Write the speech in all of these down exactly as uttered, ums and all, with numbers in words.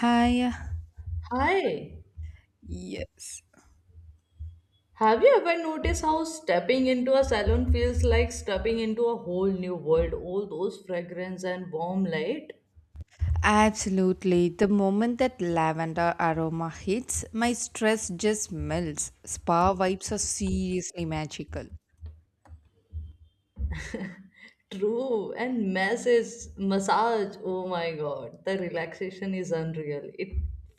Hi. Hi. Yes, Have you ever noticed how stepping into a salon feels like stepping into a whole new world? All those fragrance and warm light. absolutely. The moment that lavender aroma hits, my stress just melts. Spa vibes are seriously magical. True. And massage, massage. Oh my God. The relaxation is unreal. It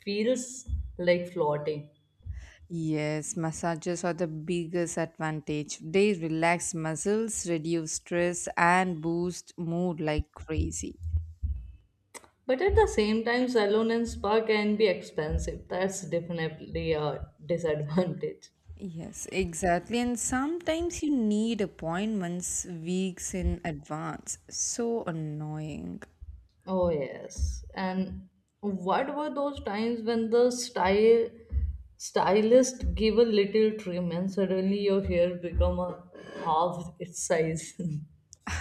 feels like floating. Yes, massages are the biggest advantage. They relax muscles, reduce stress, and boost mood like crazy. But at the same time, salon and spa can be expensive. That's definitely a disadvantage. Yes, exactly. And sometimes you need appointments weeks in advance. So annoying. Oh, yes. And what were those times when the style stylist gave a little trim and suddenly your hair become a half its size?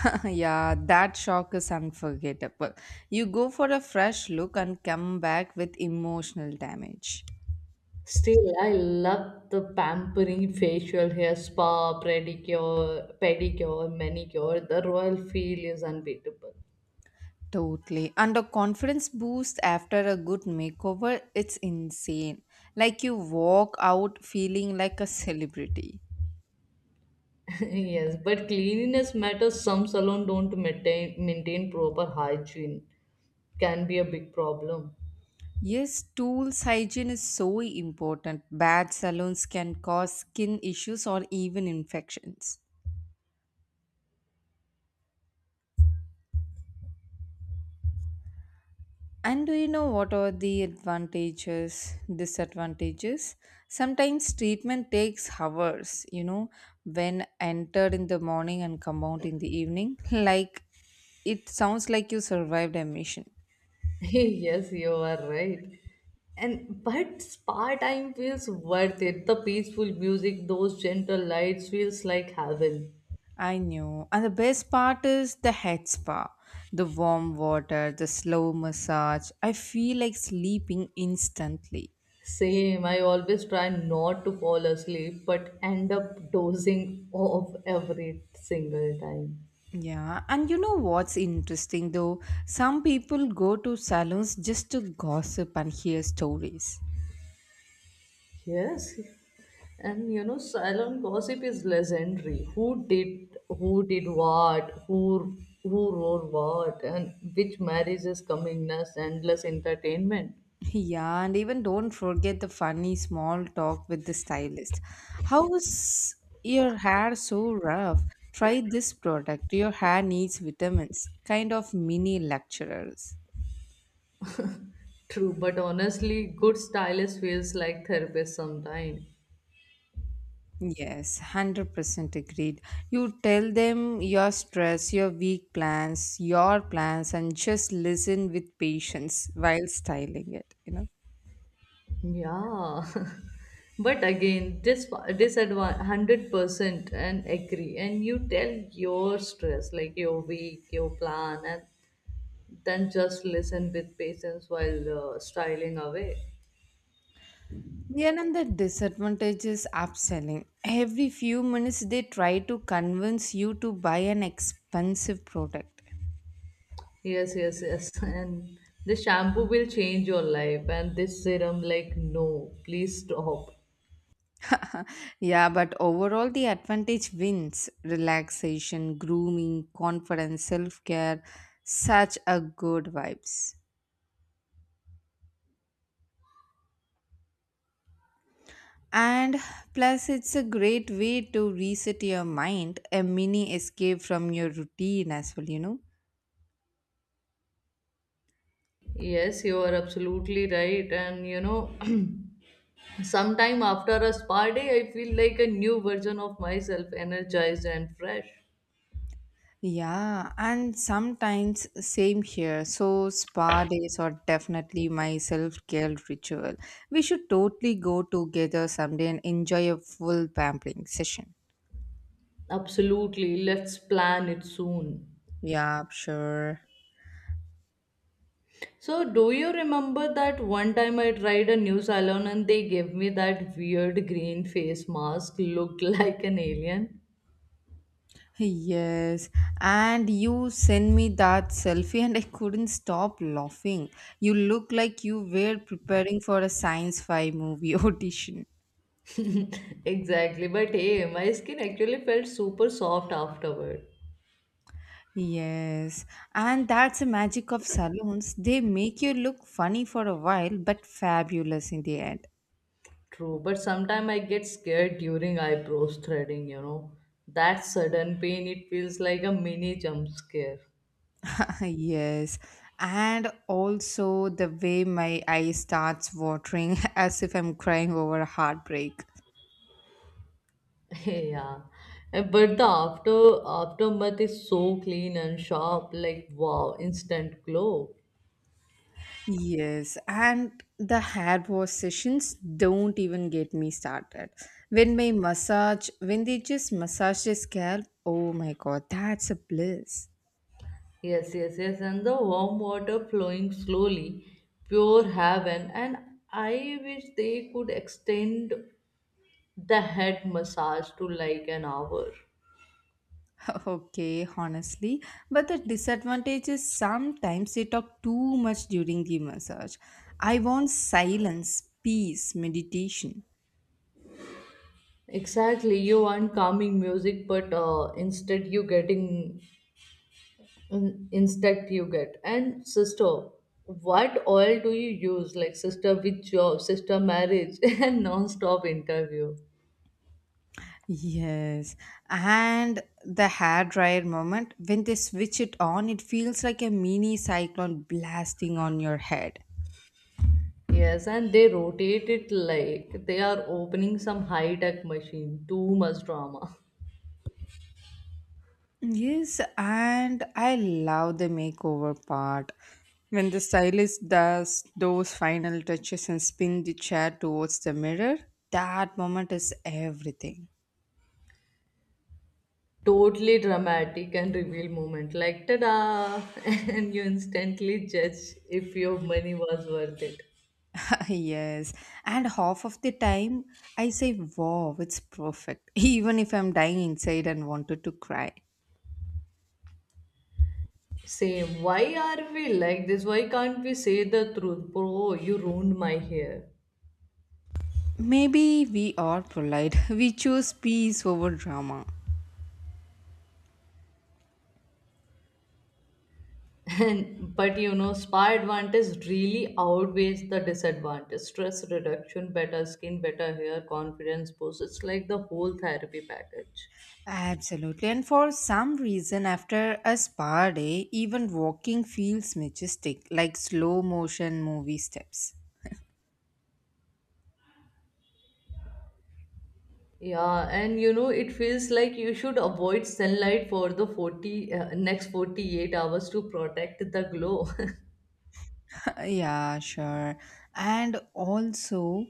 Yeah, that shock is unforgettable. You go for a fresh look and come back with emotional damage. Still, I love the pampering facial hair spa, pedicure, pedicure, manicure. The royal feel is unbeatable. Totally. And a confidence boost after a good makeover, it's insane. Like you walk out feeling like a celebrity. Yes, but cleanliness matters. Some salon don't maintain maintain proper hygiene. Can be a big problem. Yes, tools hygiene is so important. Bad salons can cause skin issues or even infections. And do you know what are the advantages, disadvantages? Sometimes treatment takes hours, you know, when entered in the morning and come out in the evening. Like it sounds like you survived a mission. Yes, you are right. And but spa time feels worth it. The peaceful music, those gentle lights feels like heaven. I know. And the best part is the head spa, the warm water, the slow massage. I feel like sleeping instantly. Same, I always try not to fall asleep but end up dozing off every single time. Yeah, and you know what's interesting though? Some people go to salons just to gossip and hear stories. Yes. And you know, salon gossip is legendary. Who did who did what? Who who wrote what? And which marriage is coming next? Endless entertainment. Yeah, and even don't forget the funny small talk with the stylist. How is your hair so rough? Try this product. Your hair needs vitamins. Kind of mini lecturers. True, but honestly, good stylist feels like therapist sometimes. Yes, one hundred percent agreed. You tell them your stress, your weak plans, your plans, and just listen with patience while styling it, you know. Yeah. But again, this disadvantage one hundred percent and agree. And you tell your stress, like your week, your plan, and then just listen with patience while uh, styling away. Yeah, and the disadvantage is upselling. Every few minutes, they try to convince you to buy an expensive product. Yes, yes, yes. And the shampoo will change your life, and this serum, like, no, please stop. Yeah, but overall, the advantage wins relaxation, grooming, confidence, self care, such a good vibes. And plus, it's a great way to reset your mind, a mini escape from your routine as well, you know. Yes, you are absolutely right. And you know, sometime after a spa day, I feel like a new version of myself, energized and fresh. Yeah, and sometimes same here. So, spa days are definitely my self care ritual. We should totally go together someday and enjoy a full pampering session. Absolutely, let's plan it soon. Yeah, sure. So, do you remember that one time I tried a new salon and they gave me that weird green face mask, looked like an alien? Yes, and you sent me that selfie, and I couldn't stop laughing. You look like you were preparing for a science fi movie audition. Exactly, but hey, my skin actually felt super soft afterward. Yes, and that's the magic of salons. They make you look funny for a while, but fabulous in the end. True, but sometimes I get scared during eyebrows threading, you know. That sudden pain, it feels like a mini jump scare. Yes, and also the way my eye starts watering as if I'm crying over a heartbreak. Yeah, eh, but the after aftermath is so clean and sharp, like wow, instant glow. Yes, and the hair wash sessions don't even get me started. When my massage, when they just massage the scalp, oh my god, that's a bliss. Yes, yes, yes. And the warm water flowing slowly, pure heaven. And I wish they could extend the head massage to like an hour. Okay, honestly, but the disadvantage is sometimes they talk too much during the massage. I want silence, peace, meditation. Exactly, you want calming music, but uh, instead you getting in- insect you get and sister, what oil do you use, like sister with job, sister marriage, and non-stop interview. Yes, and the hair dryer moment when they switch it on, it feels like a mini cyclone blasting on your head. Yes, and they rotate it like they are opening some high-tech machine. Too much drama. Yes, and I love the makeover part. When the stylist does those final touches and spin the chair towards the mirror, that moment is everything. Totally dramatic and reveal moment, like ta-da, and you instantly judge if your money was worth it. Yes, and half of the time I say, wow, it's perfect, even if I'm dying inside and wanted to cry. Same, why are we like this? Why can't we say the truth? Bro, you ruined my hair. Maybe we are polite. We choose peace over drama. And but you know, spa advantage really outweighs the disadvantage. Stress reduction, better skin, better hair, confidence boost. It's like the whole therapy package. Absolutely. And for some reason, after a spa day, even walking feels majestic, like slow motion movie steps. Yeah, and you know, it feels like you should avoid sunlight for the forty uh, next forty-eight hours to protect the glow. Yeah, sure. And also,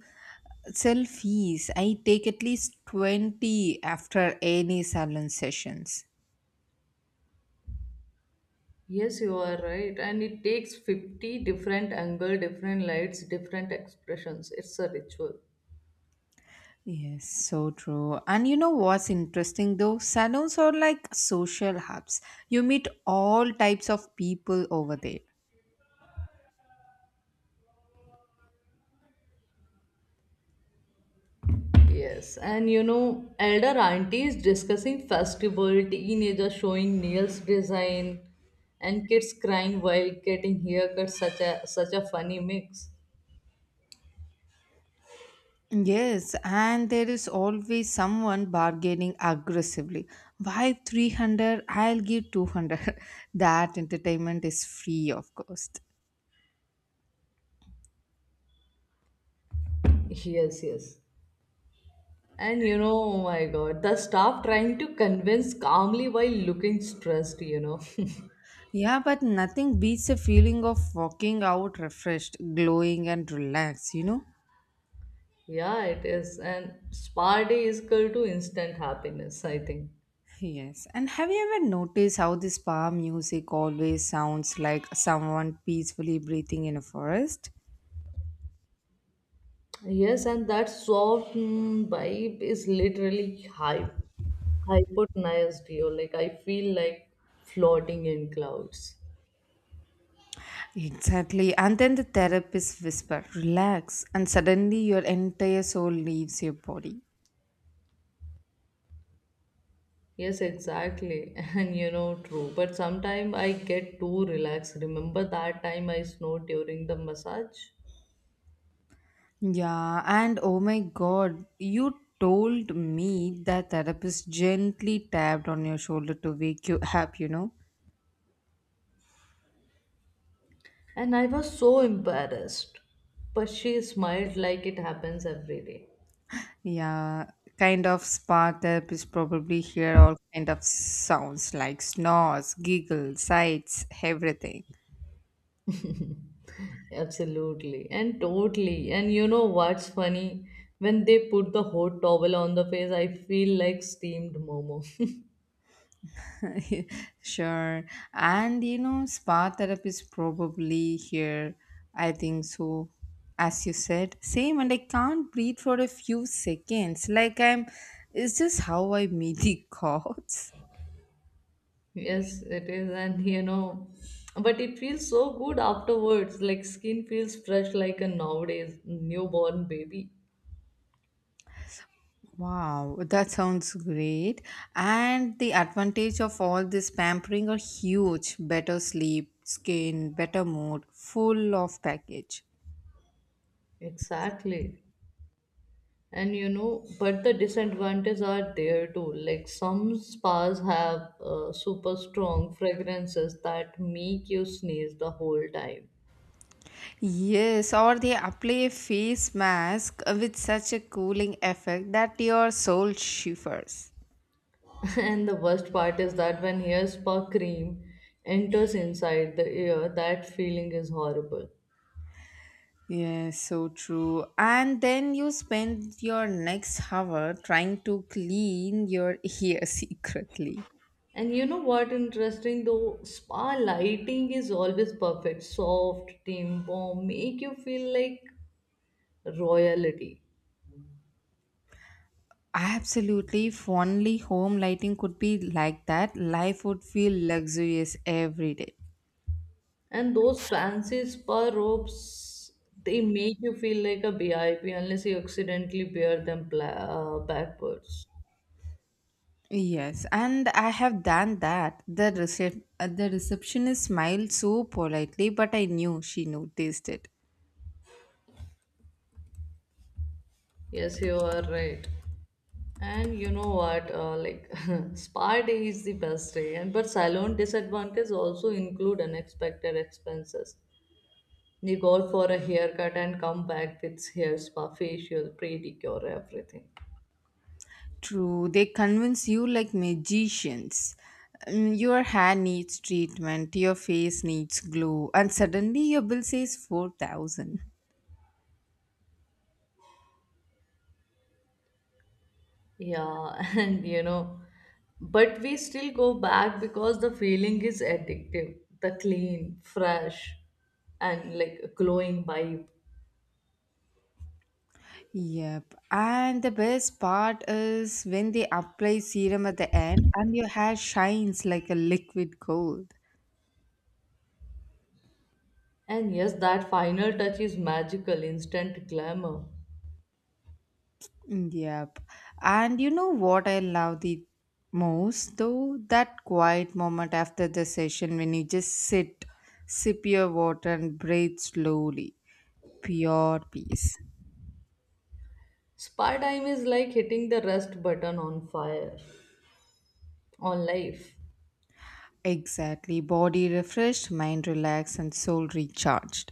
selfies. I take at least twenty after any salon sessions. Yes, you are right. And it takes fifty different angle, different lights, different expressions. It's a ritual. Yes, so true. And you know what's interesting though? Salons are like social hubs. You meet all types of people over there. Yes, and you know, elder aunties discussing festival, teenagers showing nails design, and kids crying while getting haircuts. Such a such a funny mix. Yes, and there is always someone bargaining aggressively. Why three hundred? I'll give two hundred. That entertainment is free, of course. Yes, yes. And you know, oh my God, the staff trying to convince calmly while looking stressed. You know. Yeah, but nothing beats the feeling of walking out refreshed, glowing, and relaxed, you know? Yeah, it is. And spa day is equal to instant happiness, I think. Yes, and have you ever noticed how this spa music always sounds like someone peacefully breathing in a forest? Yes, and that soft mm vibe is literally hype, hypnotized you. Like I feel like floating in clouds. Exactly. And then the therapist whisper, relax. And suddenly your entire soul leaves your body. Yes, exactly. And you know, true. But sometimes I get too relaxed. Remember that time I snowed during the massage? Yeah. And oh my God, you told me that therapist gently tapped on your shoulder to wake you up, you know? And I was so embarrassed. But she smiled like it happens every day. Yeah. Kind of spa therapist probably hear all kind of sounds like snores, giggles, sighs, everything. Absolutely, and totally. And you know what's funny? When they put the hot towel on the face, I feel like steamed momo. Sure. And you know, spa therapy is probably here. I think so. As you said, same, and I can't breathe for a few seconds. Like I'm. Is this how I meet the gods? Yes, it is. And you know, but it feels so good afterwards. Like skin feels fresh like a nowadays newborn baby. Wow, that sounds great. And the advantage of all this pampering are huge. Better sleep, skin, better mood, full of package. Exactly. And you know, but the disadvantages are there too. Like some spas have uh, super strong fragrances that make you sneeze the whole time. Yes, or they apply a face mask with such a cooling effect that your soul shivers. And the worst part is that when hair spa cream enters inside the ear, that feeling is horrible. Yes, so true. And then you spend your next hour trying to clean your ear secretly. And you know what interesting though? Spa lighting is always perfect. Soft, dim, warm, make you feel like royalty. Absolutely, if only home lighting could be like that, life would feel luxurious every day. And those fancy spa robes, they make you feel like a V I P unless you accidentally wear them pla- uh, backwards. Yes, and I have done that. The recep- uh, the receptionist smiled so politely, but I knew she noticed it. Yes, you are right. And you know what? Uh, like spa day is the best day, and but salon disadvantages also include unexpected expenses. You go for a haircut and come back with hair spa, facial, pedicure, everything. True, they convince you like magicians. Mm, your hair needs treatment, your face needs glow, and suddenly your bill says four thousand. Yeah, and you know, but we still go back because the feeling is addictive. The clean, fresh, and like glowing vibe. Yep, and the best part is when they apply serum at the end and your hair shines like a liquid gold. And yes, that final touch is magical, instant glamour. Yep, and you know what I love the most though? That quiet moment after the session when you just sit, sip your water, and breathe slowly. Pure peace. Spa time is like hitting the rest button on fire, on life. Exactly. Body refreshed, mind relaxed, and soul recharged.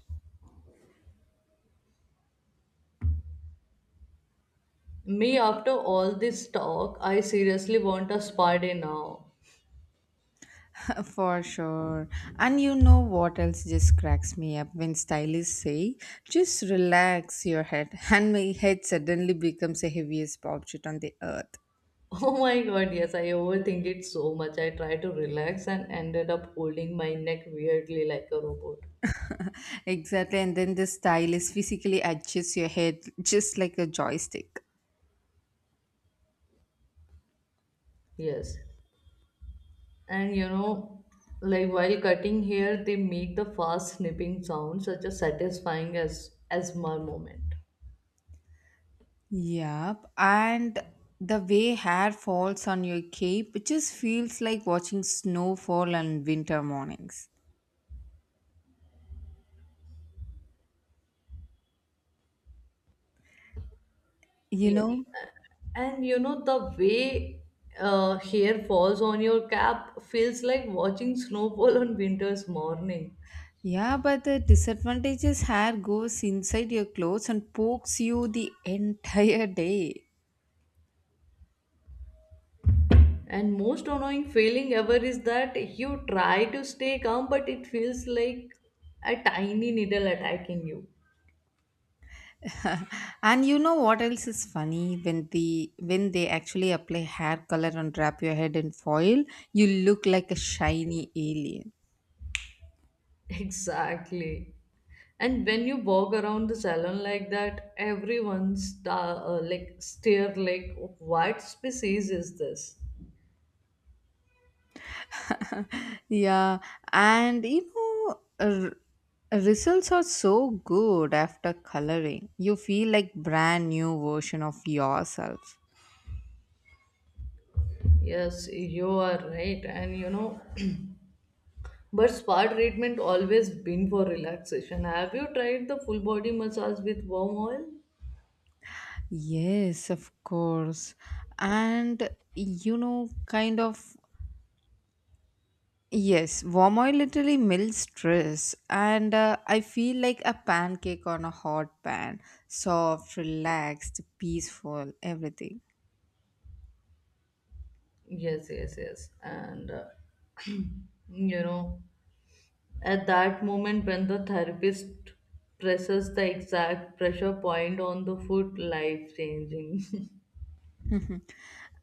Me, after all this talk, I seriously want a spa day now. For sure. And you know what else just cracks me up when stylists say, just relax your head. And my head suddenly becomes the heaviest object on the earth. Oh my god, yes, I overthink it so much. I tried to relax and ended up holding my neck weirdly like a robot. Exactly. And then the stylist physically adjusts your head just like a joystick. Yes. And you know, like while cutting hair, they make the fast snipping sound, such a satisfying as as my moment. Yep, and the way hair falls on your cape, it just feels like watching snowfall on winter mornings. You Yeah. know? And you know, the way uh, hair falls on your cap feels like watching snowfall on winter's morning. Yeah, but the disadvantage is hair goes inside your clothes and pokes you the entire day. And most annoying feeling ever is that you try to stay calm, but it feels like a tiny needle attacking you. And you know what else is funny when the when they actually apply hair color and wrap your head in foil, you look like a shiny alien. Exactly. And when you walk around the salon like that, everyone star, uh, like stare like, what species is this? Yeah, and you know, r- results are so good after coloring. You feel like brand new version of yourself. Yes, you are right. And you know, but spa treatment always been for relaxation. Have you tried the full body massage with warm oil? Yes, of course. And you know, kind of yes, warm oil literally melts stress, and uh, I feel like a pancake on a hot pan, soft, relaxed, peaceful, everything. Yes, yes, yes. And uh, you know, at that moment when the therapist presses the exact pressure point on the foot, life changing. Mhm.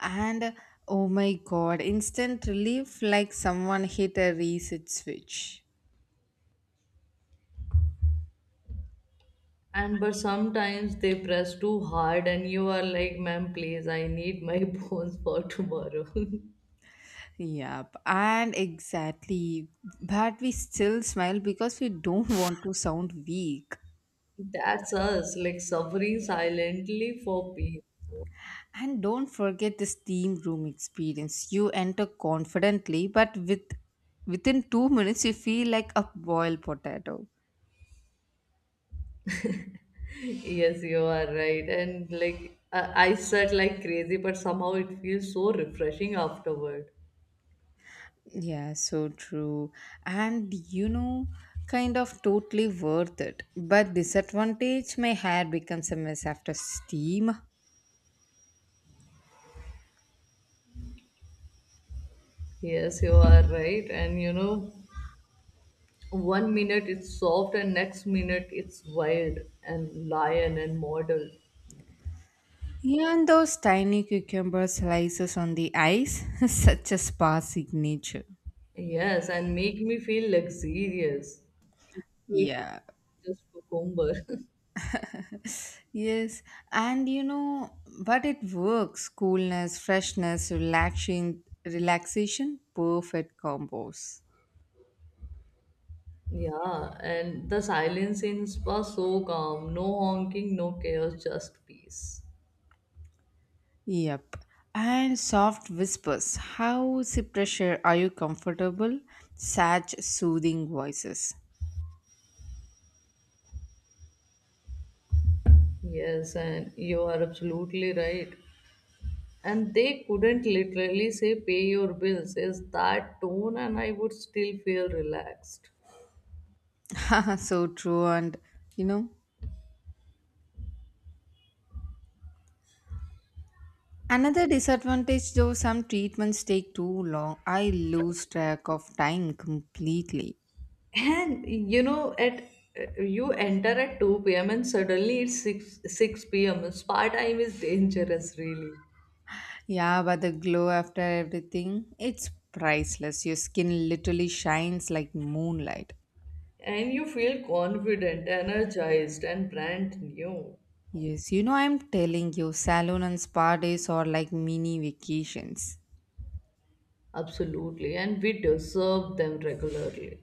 And oh my god, instant relief like someone hit a reset switch. And but sometimes they press too hard, and you are like, ma'am, please, I need my bones for tomorrow. Yep, and exactly. But we still smile because we don't want to sound weak. That's us, like suffering silently for peace. And don't forget the steam room experience. You enter confidently, but with within two minutes you feel like a boiled potato. Yes, you are right. And like, I, I sweat like crazy, but somehow it feels so refreshing afterward. Yeah, so true. And you know, kind of totally worth it. But disadvantage, my hair becomes a mess after steam. Yes, you are right. And you know, one minute it's soft, and next minute it's wild and lion and model. Yeah, and those tiny cucumber slices on the ice, such a spa signature. Yes, and make me feel luxurious. It's Yeah. just cucumber. Yes. And you know, but it works. Coolness, freshness, relaxation, relaxation, perfect combos. Yeah, and the silence in spa so calm. No honking, no chaos, just peace. Yep. And soft whispers. How, pressure are you comfortable? Such soothing voices. Yes, and you are absolutely right. And they couldn't literally say pay your bills is that tone and I would still feel relaxed. So true. And you know, another disadvantage though, some treatments take too long. I lose track of time completely. And you know, at you enter at two p m and suddenly it's six six p m. Spa time is dangerous really. Yeah, but the glow after everything, it's priceless. Your skin literally shines like moonlight. And you feel confident, energized and brand new. Yes, you know, I'm telling you, salon and spa days are like mini vacations. Absolutely. And we deserve them regularly.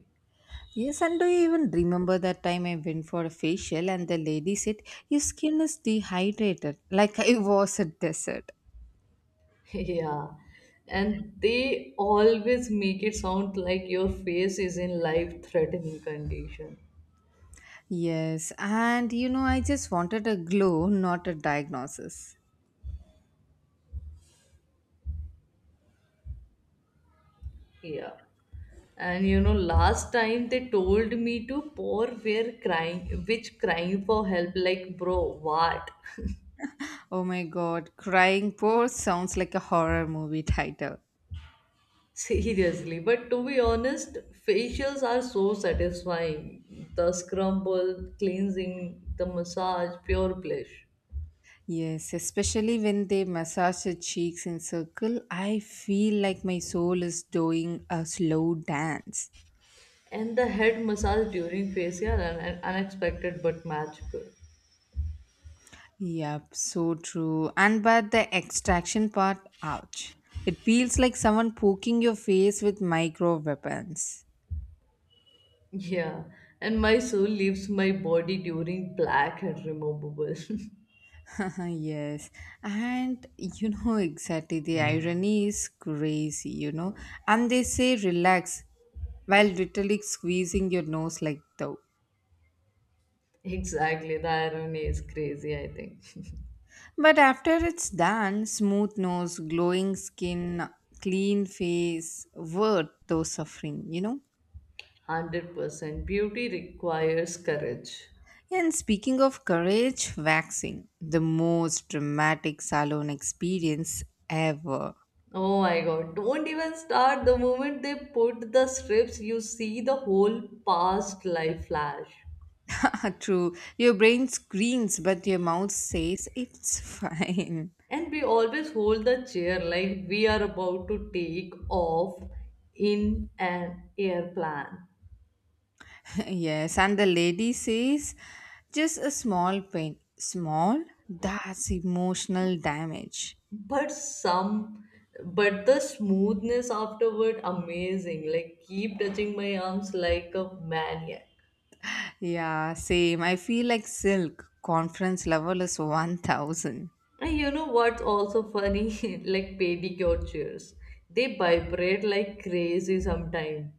Yes, and do you even remember that time I went for a facial and the lady said, your skin is dehydrated, like I was a desert. Yeah. And they always make it sound like your face is in life threatening condition. Yes, and you know, I just wanted a glow, not a diagnosis. Yeah. And you know, last time they told me to pour where crying, which crying for help, like, bro, what? Oh my god, crying poor sounds like a horror movie title. Seriously. But to be honest, facials are so satisfying. The scrumble, cleansing, the massage, pure bliss. Yes, especially when they massage the cheeks in circle, I feel like my soul is doing a slow dance. And the head massage during facial, and and unexpected but magical. Yep, so true. And but the extraction part, ouch. It feels like someone poking your face with micro weapons. Yeah. And my soul leaves my body during black and removable. Yes. And you know exactly the irony is crazy, you know. And they say relax while literally squeezing your nose like though. Exactly, the irony is crazy, I think. But after it's done, smooth nose, glowing skin, clean face, worth those suffering, you know? one hundred percent. Beauty requires courage. And speaking of courage, waxing, the most dramatic salon experience ever. Oh my god, don't even start the moment they put the strips, you see the whole past life flash. True, your brain screams, but your mouth says it's fine. And we always hold the chair like we are about to take off in an airplane. Yes, and the lady says just a small pain. Small? That's emotional damage. But some, but the smoothness afterward, amazing. Like, keep touching my arms like a maniac. Yeah, same. I feel like silk. Conference level is one thousand. And you know what's also funny? Like pedicure chairs. They vibrate like crazy sometimes.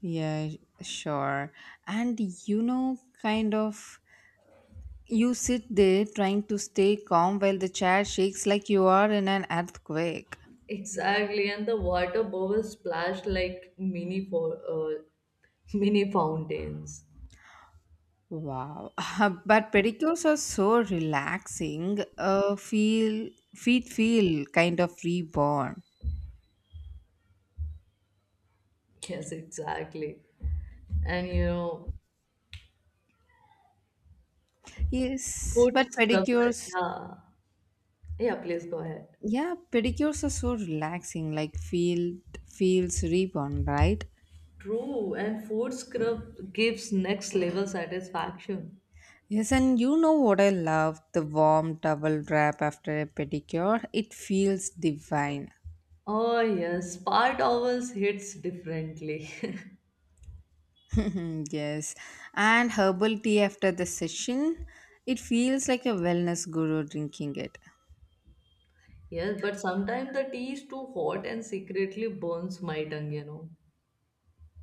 Yeah, sure. And you know, kind of you sit there trying to stay calm while the chair shakes like you are in an earthquake. Exactly, and the water bubbles splash like mini for uh, mini fountains. Wow. But pedicures are so relaxing. Uh, feel feet feel kind of reborn. Yes, exactly. And you know, Yes, food but scrubs. pedicures Yeah, yeah. Please go ahead. yeah, pedicures are so relaxing like feel feels reborn, right? True, and food scrub gives next level satisfaction. Yes, and you know what I love? The warm towel wrap after a pedicure. It feels divine. Oh yes, spa towels hits differently. Yes, and herbal tea after the session. It feels like a wellness guru drinking it. Yes, but sometimes the tea is too hot and secretly burns my tongue, you know.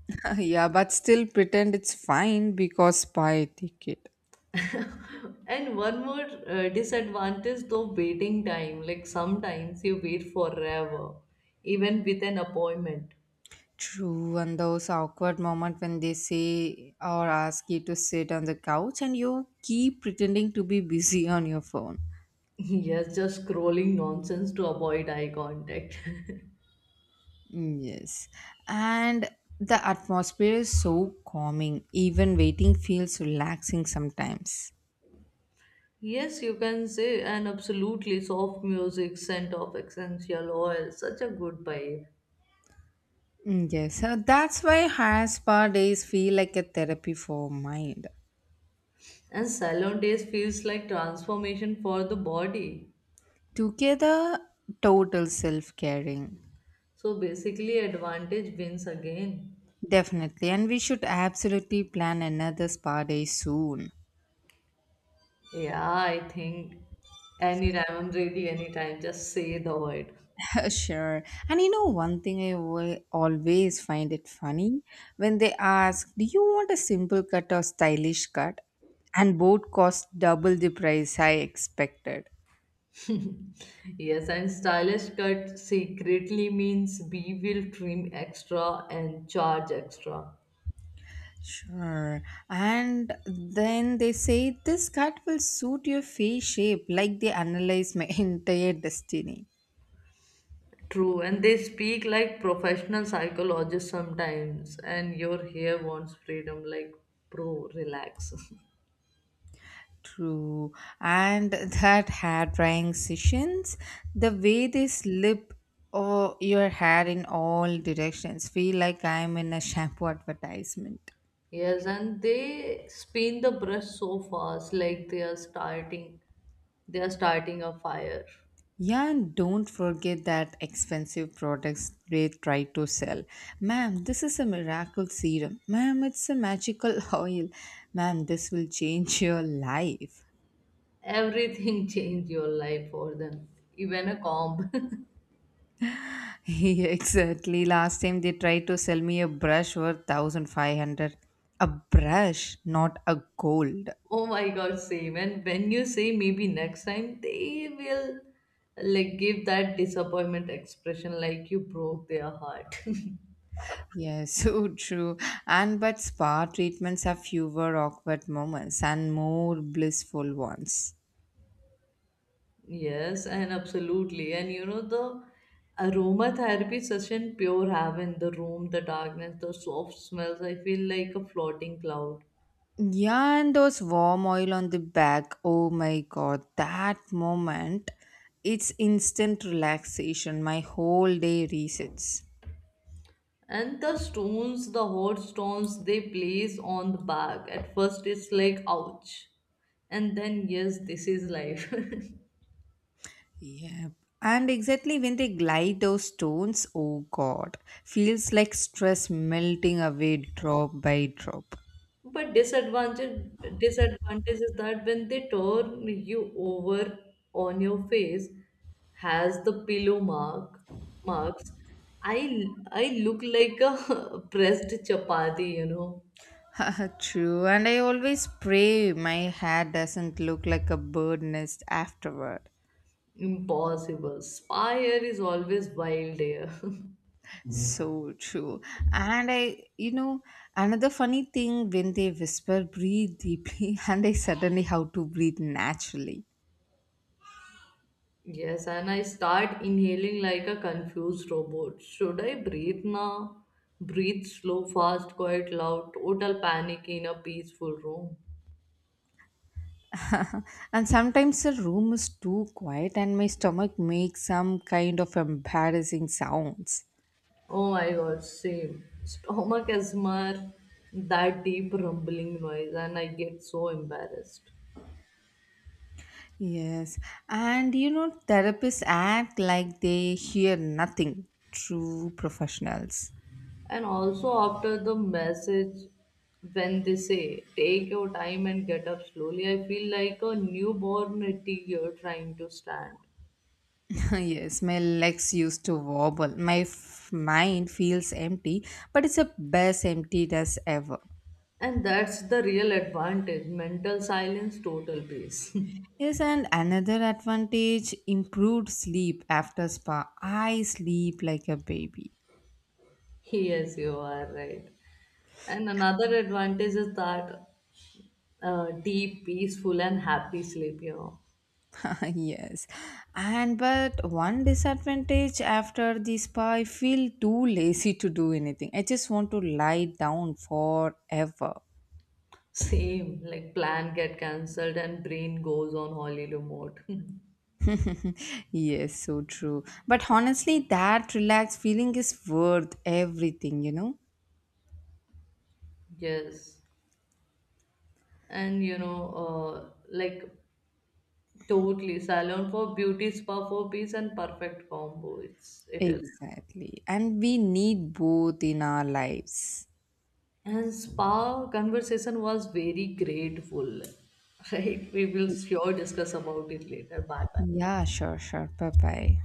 Yeah, but still pretend it's fine because buy ticket. And one more uh, disadvantage though, waiting time. Like sometimes you wait forever, even with an appointment. True, and those awkward moments when they say or ask you to sit on the couch and you keep pretending to be busy on your phone. Yes, just scrolling nonsense to avoid eye contact. Mm, yes, and the atmosphere is so calming, even waiting feels relaxing sometimes. Yes, you can say, and absolutely soft music, scent of essential oil, such a good vibe. Mm, yes, so that's why high spa days feel like a therapy for mind. And salon days feels like transformation for the body. Together, total self caring. So basically, advantage wins again. Definitely, and we should absolutely plan another spa day soon. Yeah, I think anytime, really anytime, just say the word. Sure. And you know, one thing I will always find it funny when they ask, do you want a simple cut or stylish cut? And both cost double the price I expected. Yes, and stylish cut secretly means we will trim extra and charge extra. Sure. And then they say this cut will suit your face shape, like they analyze my entire destiny. True, and they speak like professional psychologists sometimes, and your hair wants freedom, like, bro, relax. True. And that hair drying sessions, the way they slip oh, your hair in all directions, feel like I'm in a shampoo advertisement. Yes, and they spin the brush so fast, like they are starting, they are starting a fire. Yeah, and don't forget that expensive products they try to sell. Ma'am, this is a miracle serum. Ma'am, it's a magical oil. Ma'am, this will change your life. Everything changed your life for them, even a comp. Yeah, exactly. Last time they tried to sell me a brush worth one thousand five hundred. A brush, not a gold. Oh my god, same. And when you say maybe next time, they will like give that disappointment expression like you broke their heart. Yes, so true. And but spa treatments have fewer awkward moments and more blissful ones. Yes, and absolutely. And you know, the aromatherapy session, pure heaven, the room, the darkness, the soft smells. I feel like a floating cloud. Yeah, and those warm oil on the back. Oh my god, that moment. It's instant relaxation. My whole day resets. And the stones, the hot stones they place on the back. At first, it's like ouch, and then yes, this is life. Yep. And exactly when they glide those stones, oh god, feels like stress melting away drop by drop. But disadvantage disadvantage is that when they turn you over on your face, has the pillow mark marks. I I look like a pressed chapati, you know. True, and I always pray my hair doesn't look like a bird nest afterward. Impossible. Spire is always wild here. So true. And I, you know, another funny thing when they whisper, breathe deeply, and I suddenly how to breathe naturally. Yes, and I start inhaling like a confused robot. Should I breathe now? Breathe slow, fast, quiet, loud, total panic in a peaceful room. And sometimes the room is too quiet and my stomach makes some kind of embarrassing sounds. Oh my god, same. Stomach asthma, that deep rumbling noise, and I get so embarrassed. Yes. And you know, therapists act like they hear nothing. True professionals. And also, after the message, when they say take your time and get up slowly, I feel like a newborn at year trying to stand. Yes, my legs used to wobble. My f- mind feels empty, but it's the best empty as ever. And that's the real advantage, mental silence, total peace. Yes, and another advantage improved sleep after spa. I sleep like a baby. Yes, you are right. And another advantage is that uh, deep, peaceful, and happy sleep, you know. Yes, and but one disadvantage after the spa, I feel too lazy to do anything. I just want to lie down forever. Same, like plan get cancelled and brain goes on holiday mode. Yes, so true. But honestly, that relaxed feeling is worth everything, you know. Yes. And you know, uh, like totally salon for beauty, spa for peace, and perfect combo. It's it is. Exactly. And we need both in our lives. And spa conversation was very grateful. Right? We will sure discuss about it later. Bye bye. Yeah, sure, sure. Bye bye.